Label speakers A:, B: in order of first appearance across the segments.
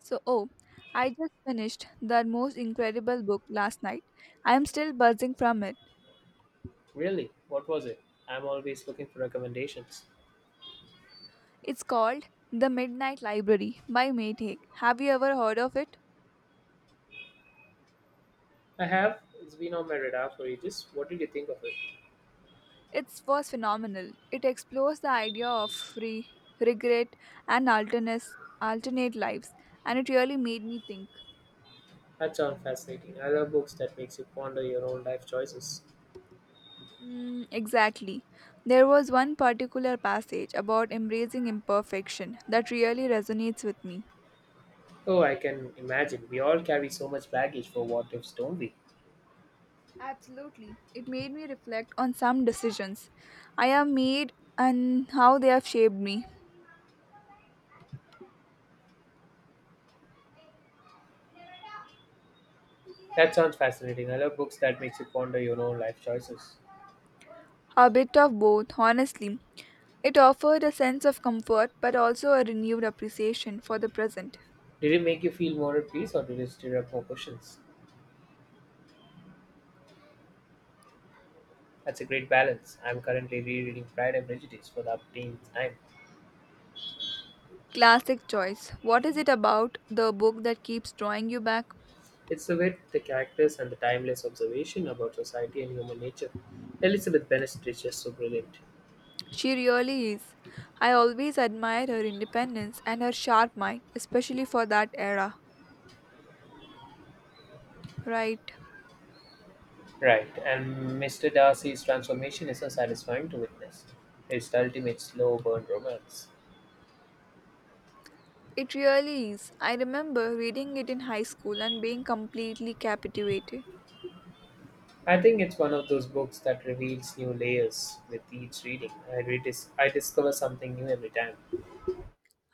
A: So, oh, I just finished the most incredible book last night. I am still buzzing from it.
B: Really? What was it? I'm always looking for recommendations.
A: It's called The Midnight Library by Maytag. Have you ever heard of it?
B: I have. It's been on my radar for ages. What did you think of it?
A: It was phenomenal. It explores the idea of free regret and alternate lives, and it really made me think.
B: That sounds fascinating. I love books that makes you ponder your own life choices.
A: Exactly. There was one particular passage about embracing imperfection that really resonates with me.
B: Oh, I can imagine. We all carry so much baggage for what ifs, don't we?
A: Absolutely. It made me reflect on some decisions I have made and how they have shaped me.
B: That sounds fascinating. I love books that makes you ponder your own life choices.
A: A bit of both, honestly. It offered a sense of comfort but also a renewed appreciation for the present.
B: Did it make you feel more at peace or did it stir up more questions? That's a great balance. I'm currently rereading Pride and Prejudice for the umpteenth time.
A: Classic choice. What is it about the book that keeps drawing you back?
B: It's the wit, the characters, and the timeless observation about society and human nature. Elizabeth Bennet is just so brilliant.
A: She really is. I always admired her independence and her sharp mind, especially for that era. Right.
B: Right, and Mr. Darcy's transformation is so satisfying to witness. It's the ultimate slow burn romance.
A: It really is. I remember reading it in high school and being completely captivated.
B: I think it's one of those books that reveals new layers with each reading. I discover something new every time.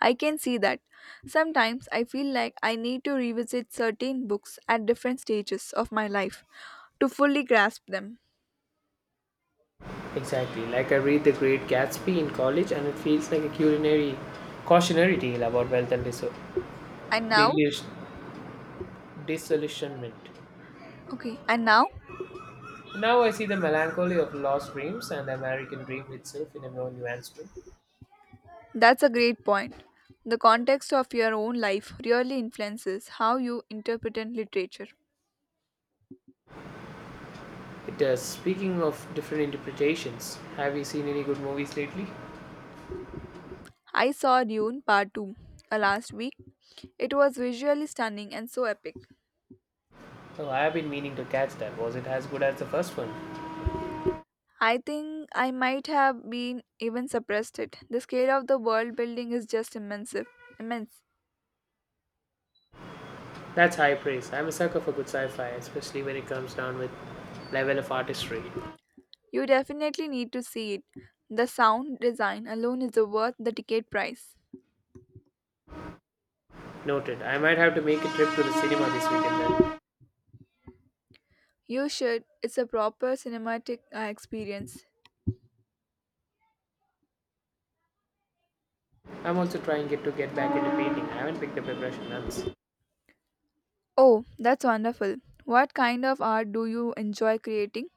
A: I can see that. Sometimes I feel like I need to revisit certain books at different stages of my life to fully grasp them.
B: Exactly, like I read The Great Gatsby in college, and it feels like a culinary cautionary tale about wealth and
A: And now,
B: delusion- disillusionment.
A: okay, and now,
B: Now I see the melancholy of lost dreams and the American dream itself in a more nuanced way.
A: that's a great point. The context of your own life really influences how you interpret literature.
B: It is speaking of different interpretations. Have you seen any good movies lately?
A: I saw Dune Part 2 last week. It was visually stunning and so epic.
B: Oh, I have been meaning to catch that. Was it as good as the first one?
A: I think I might have been even suppressed it. The scale of the world building is just immense. Immense.
B: That's high praise. I'm a sucker for good sci-fi, especially when it comes down with level of artistry.
A: You definitely need to see it. The sound design alone is worth the ticket price.
B: Noted. I might have to make a trip to the cinema this weekend then.
A: You should. It's a proper cinematic experience.
B: I'm also trying get to get back into painting. I haven't picked up a brush in months.
A: Oh, that's wonderful. What kind of art do you enjoy creating?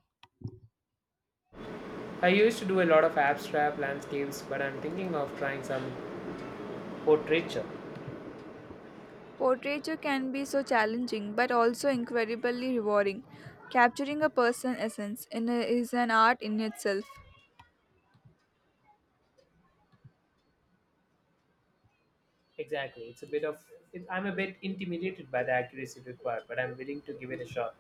B: I used to do a lot of abstract landscapes, but I'm thinking of trying some portraiture.
A: Portraiture can be so challenging but also incredibly rewarding. Capturing a person's essence is an art in itself.
B: Exactly. It's a bit of. It, I'm a bit intimidated by the accuracy required, but I'm willing to give it a shot.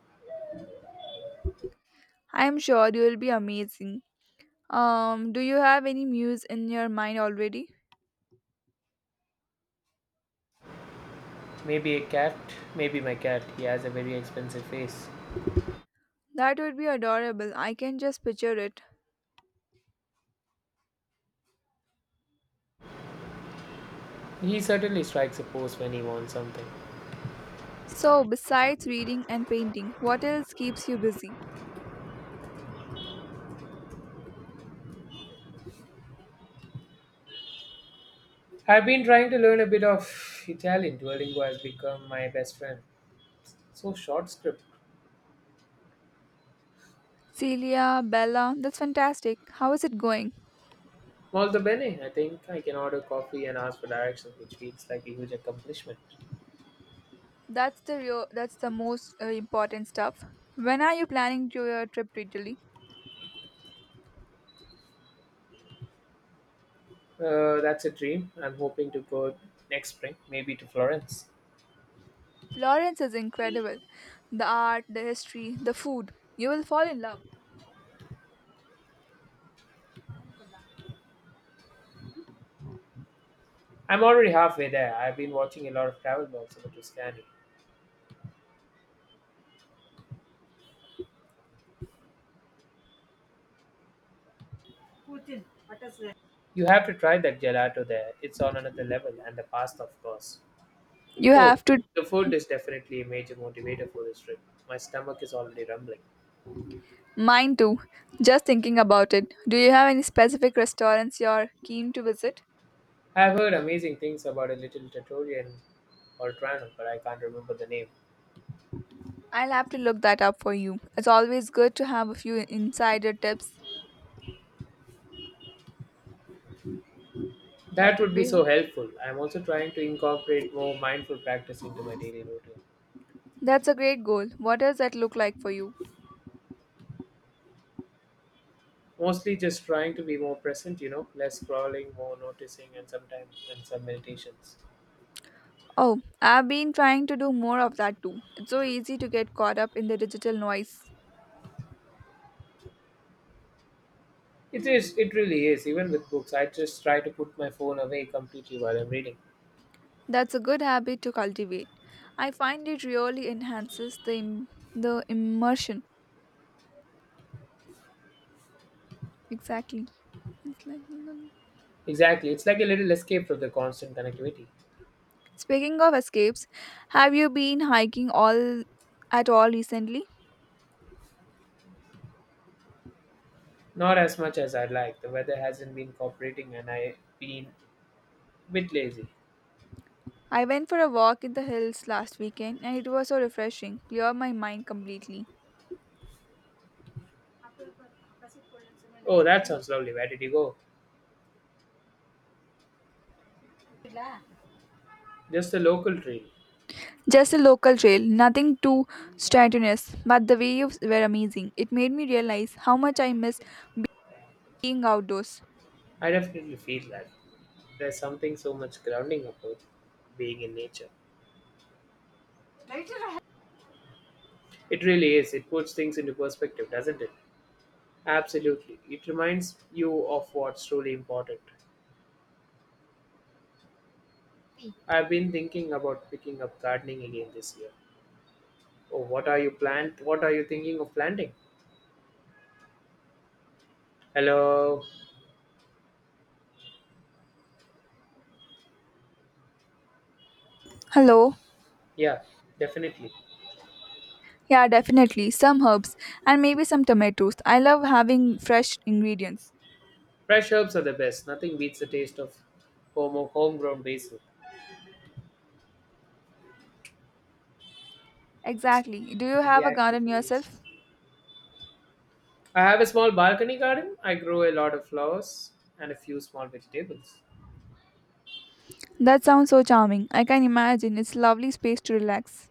A: I am sure you will be amazing. Do you have any muse in your mind already?
B: Maybe a cat, maybe my cat. He has a very expensive face.
A: That would be adorable. I can just picture it.
B: He certainly strikes a pose when he wants something.
A: So, besides reading and painting, what else keeps you busy?
B: I've been trying to learn a bit of Italian. Duolingo has become my best friend. So short script.
A: Celia, Bella, that's fantastic. How is it going?
B: Molto bene. I think I can order coffee and ask for directions, which feels like a huge accomplishment.
A: That's the most important stuff. When are you planning to your trip to Italy?
B: That's a dream. I'm hoping to go next spring, maybe to Florence.
A: Florence is incredible. The art, the history, the food. You will fall in love.
B: I'm already halfway there. I've been watching a lot of travel blogs about Tuscany. You have to try that gelato there. It's on another level, and the pasta, of course.
A: You
B: Oh,
A: have to
B: the food is definitely a major motivator for this trip. My stomach is already rumbling.
A: Mine too. Just thinking about it. Do you have any specific restaurants you're keen to visit?
B: I've heard amazing things about a little trattoria in Oltrano, but I can't remember the name.
A: I'll have to look that up for you. It's always good to have a few insider tips. That
B: That
A: would
B: would be
A: be
B: so helpful. I'm also trying to incorporate more mindful practice into my daily routine.
A: That's a great goal. What does that look like for you?
B: Mostly just trying to be more present, less scrolling, more noticing, and sometimes and some meditations.
A: Oh, I've been trying to do more of that too. It's so easy to get caught up in the digital noise.
B: It
A: Mhm.
B: is. It really is. Even with books, I just try to put my phone away completely while I'm reading.
A: That's a good habit to cultivate. I find it really enhances the immersion. Exactly. It's like
B: Exactly. It's like a little escape from the constant connectivity.
A: Speaking of escapes, have you been hiking all at all recently?
B: Not as much as I'd like. The weather hasn't been cooperating, and I've been a bit lazy.
A: I went for a walk in the hills last weekend and it was so refreshing, cleared my mind completely.
B: Oh, that sounds lovely. Where did you go? Just a local trail.
A: Just a local trail, nothing too strenuous, but the waves were amazing. It made me realize how much I miss being outdoors.
B: I definitely feel that. There's something so much grounding about being in nature. It really is. It puts things into perspective, doesn't it? Absolutely. It reminds you of what's truly important. I've been thinking about picking up gardening again this year. Oh, what are you plant? What are you thinking of planting? Hello.
A: Hello?
B: Yeah, definitely.
A: Yeah, definitely. Some herbs and maybe some tomatoes. I love having fresh ingredients.
B: Fresh herbs are the best. Nothing beats the taste of home homegrown basil.
A: Exactly. Do you have a
B: React,
A: garden yourself?
B: please. I have a small balcony garden. I grow a lot of flowers and a few small vegetables.
A: That sounds so charming. I can imagine. It's a lovely space to relax.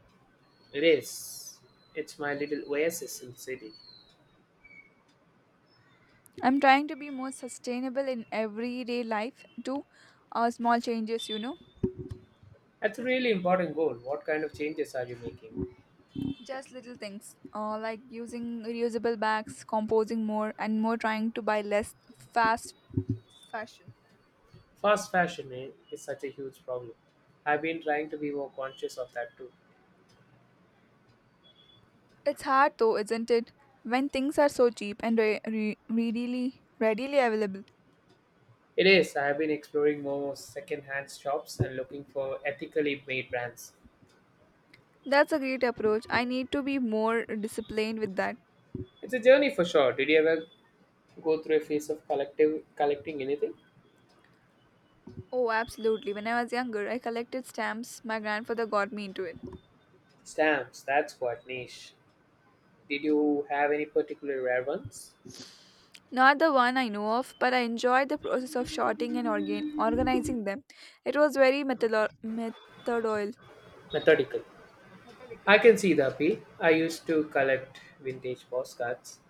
B: It is. It's my little oasis in the city.
A: I'm trying to be more sustainable in everyday life too. Small changes, you know,
B: That's a really important goal. What kind of changes are you making?
A: just little things, like using reusable bags, composing more, and more trying to buy less fast fashion.
B: Fast fashion eh, is such a huge problem. I've been trying to be more conscious of that too.
A: It's hard though, isn't it? When things are so cheap and readily available.
B: It is. I have been exploring more second-hand shops and looking for ethically made brands.
A: That's a great approach. I need to be more disciplined with that.
B: It's a journey for sure. Did you ever go through a phase of collective collecting anything?
A: Oh, absolutely. When I was younger, I collected stamps. My grandfather got me into it.
B: Stamps. That's quite niche. Did you have any particular rare ones?
A: Not the one I know of, but I enjoyed the process of sorting and organizing them. It was very
B: Methodical.
A: methodical.
B: I can see the appeal. I used to collect vintage postcards.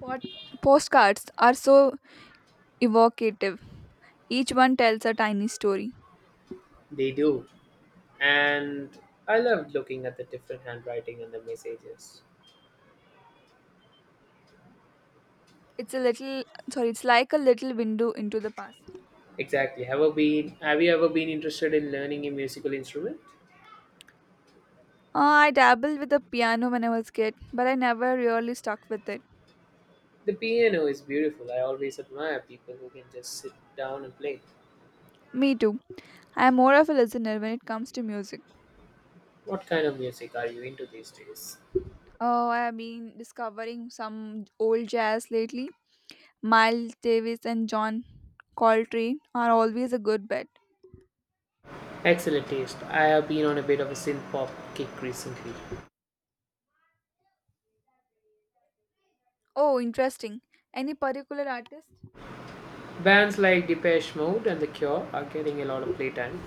A: Postcards are so evocative. Each one tells a tiny story.
B: They do, and I loved looking at the different handwriting and the messages.
A: It's a little, it's like a little window into the past.
B: Exactly. Have you ever been interested in learning a musical instrument?
A: I dabbled with the piano when I was kid, but I never really stuck with it.
B: The piano is beautiful. I always admire people who can just sit down and play.
A: Me too. I am more of a listener when it comes to music.
B: What kind of music are you into these days?
A: Oh, I have been discovering some old jazz lately. Miles Davis and John Coltrane are always a good bet.
B: Excellent taste. I have been on a bit of a synth pop kick recently.
A: Oh, interesting. Any particular artist?
B: Bands like Depeche Mode and The Cure are getting a lot of playtime.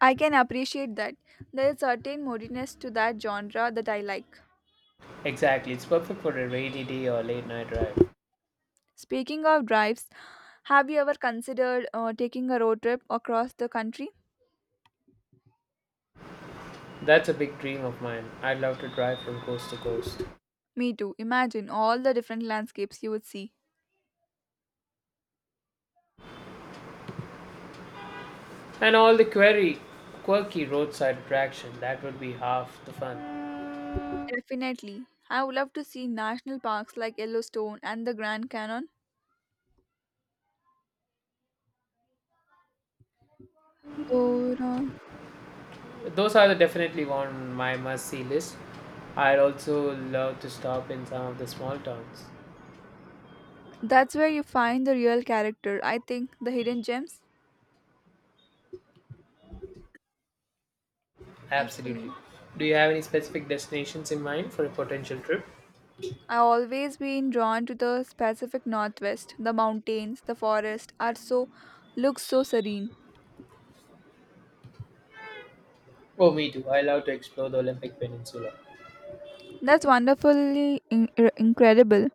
A: I can appreciate that. There is certain moodiness to that genre that I like.
B: Exactly. It's perfect for a rainy day or late night drive.
A: Speaking of drives, have you ever considered taking a road trip across the country?
B: That's a big dream of mine. I'd love to drive from coast to coast.
A: Me too. Imagine all the different landscapes you would see.
B: And all the query, quirky roadside attraction, that would be half the fun.
A: Definitely. I would love to see national parks like Yellowstone and the Grand Canyon. Dora.
B: Those are the definitely on my must-see list. I'd also love to stop in some of the small towns.
A: That's where you find the real character. I think the hidden gems.
B: Absolutely.
A: Absolutely.
B: Do you have any specific destinations in mind for a potential trip?
A: I always been drawn to the Pacific Northwest. The mountains, the forest are so look so serene.
B: Oh, me too. I love to explore the Olympic Peninsula.
A: That's wonderfully incredible.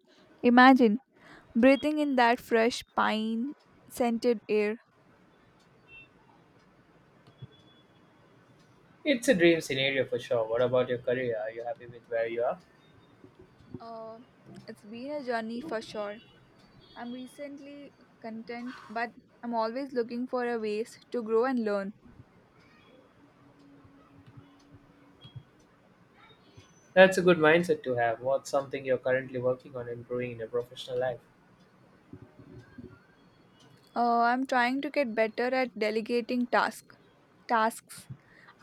A: Imagine breathing in that fresh pine scented air.
B: It's a dream scenario for sure. What about your career? Are you happy with where you are?
A: Uh, it's been a journey for sure. I'm recently content, but I'm always looking for a ways to grow and learn.
B: That's a good mindset to have. What's something you're currently working on improving in your professional life?
A: I'm trying to get better at delegating tasks.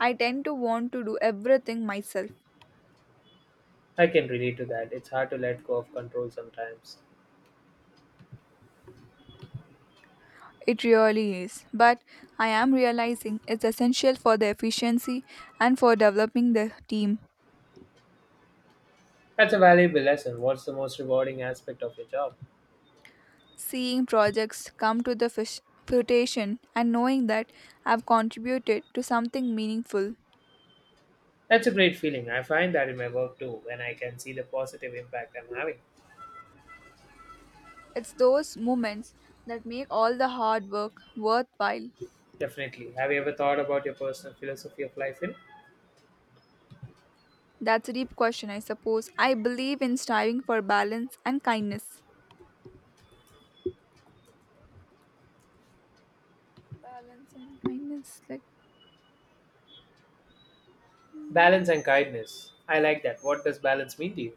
A: I tend to want to do everything myself.
B: I can relate to that. It's hard to let go of control sometimes.
A: It really is. But I am realizing it's essential for the efficiency and for developing the team.
B: That's a valuable lesson. What's the most rewarding aspect of your job?
A: Seeing projects come to fruition and knowing that I've contributed to something meaningful.
B: That's a great feeling. I find that in my work too, when I can see the positive impact I'm having.
A: It's those moments that make all the hard work worthwhile.
B: Definitely. Have you ever thought about your personal philosophy of life in
A: That's a deep question, I suppose. I believe in striving for balance and kindness. Balance and kindness. Like
B: balance and kindness? I like that. What does balance mean to you?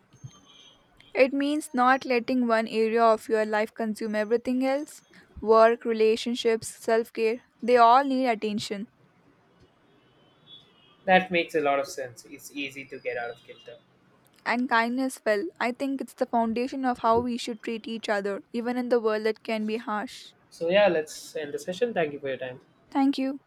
A: it means not letting one area of your life consume everything else. Work, relationships, self care, they all need attention.
B: That makes a lot of sense. It's easy to get out of kilter.
A: And kindness, well, I think it's the foundation of how we should treat each other, even in the world that can be harsh.
B: So, yeah, let's end the session. Thank you for your time.
A: Thank you.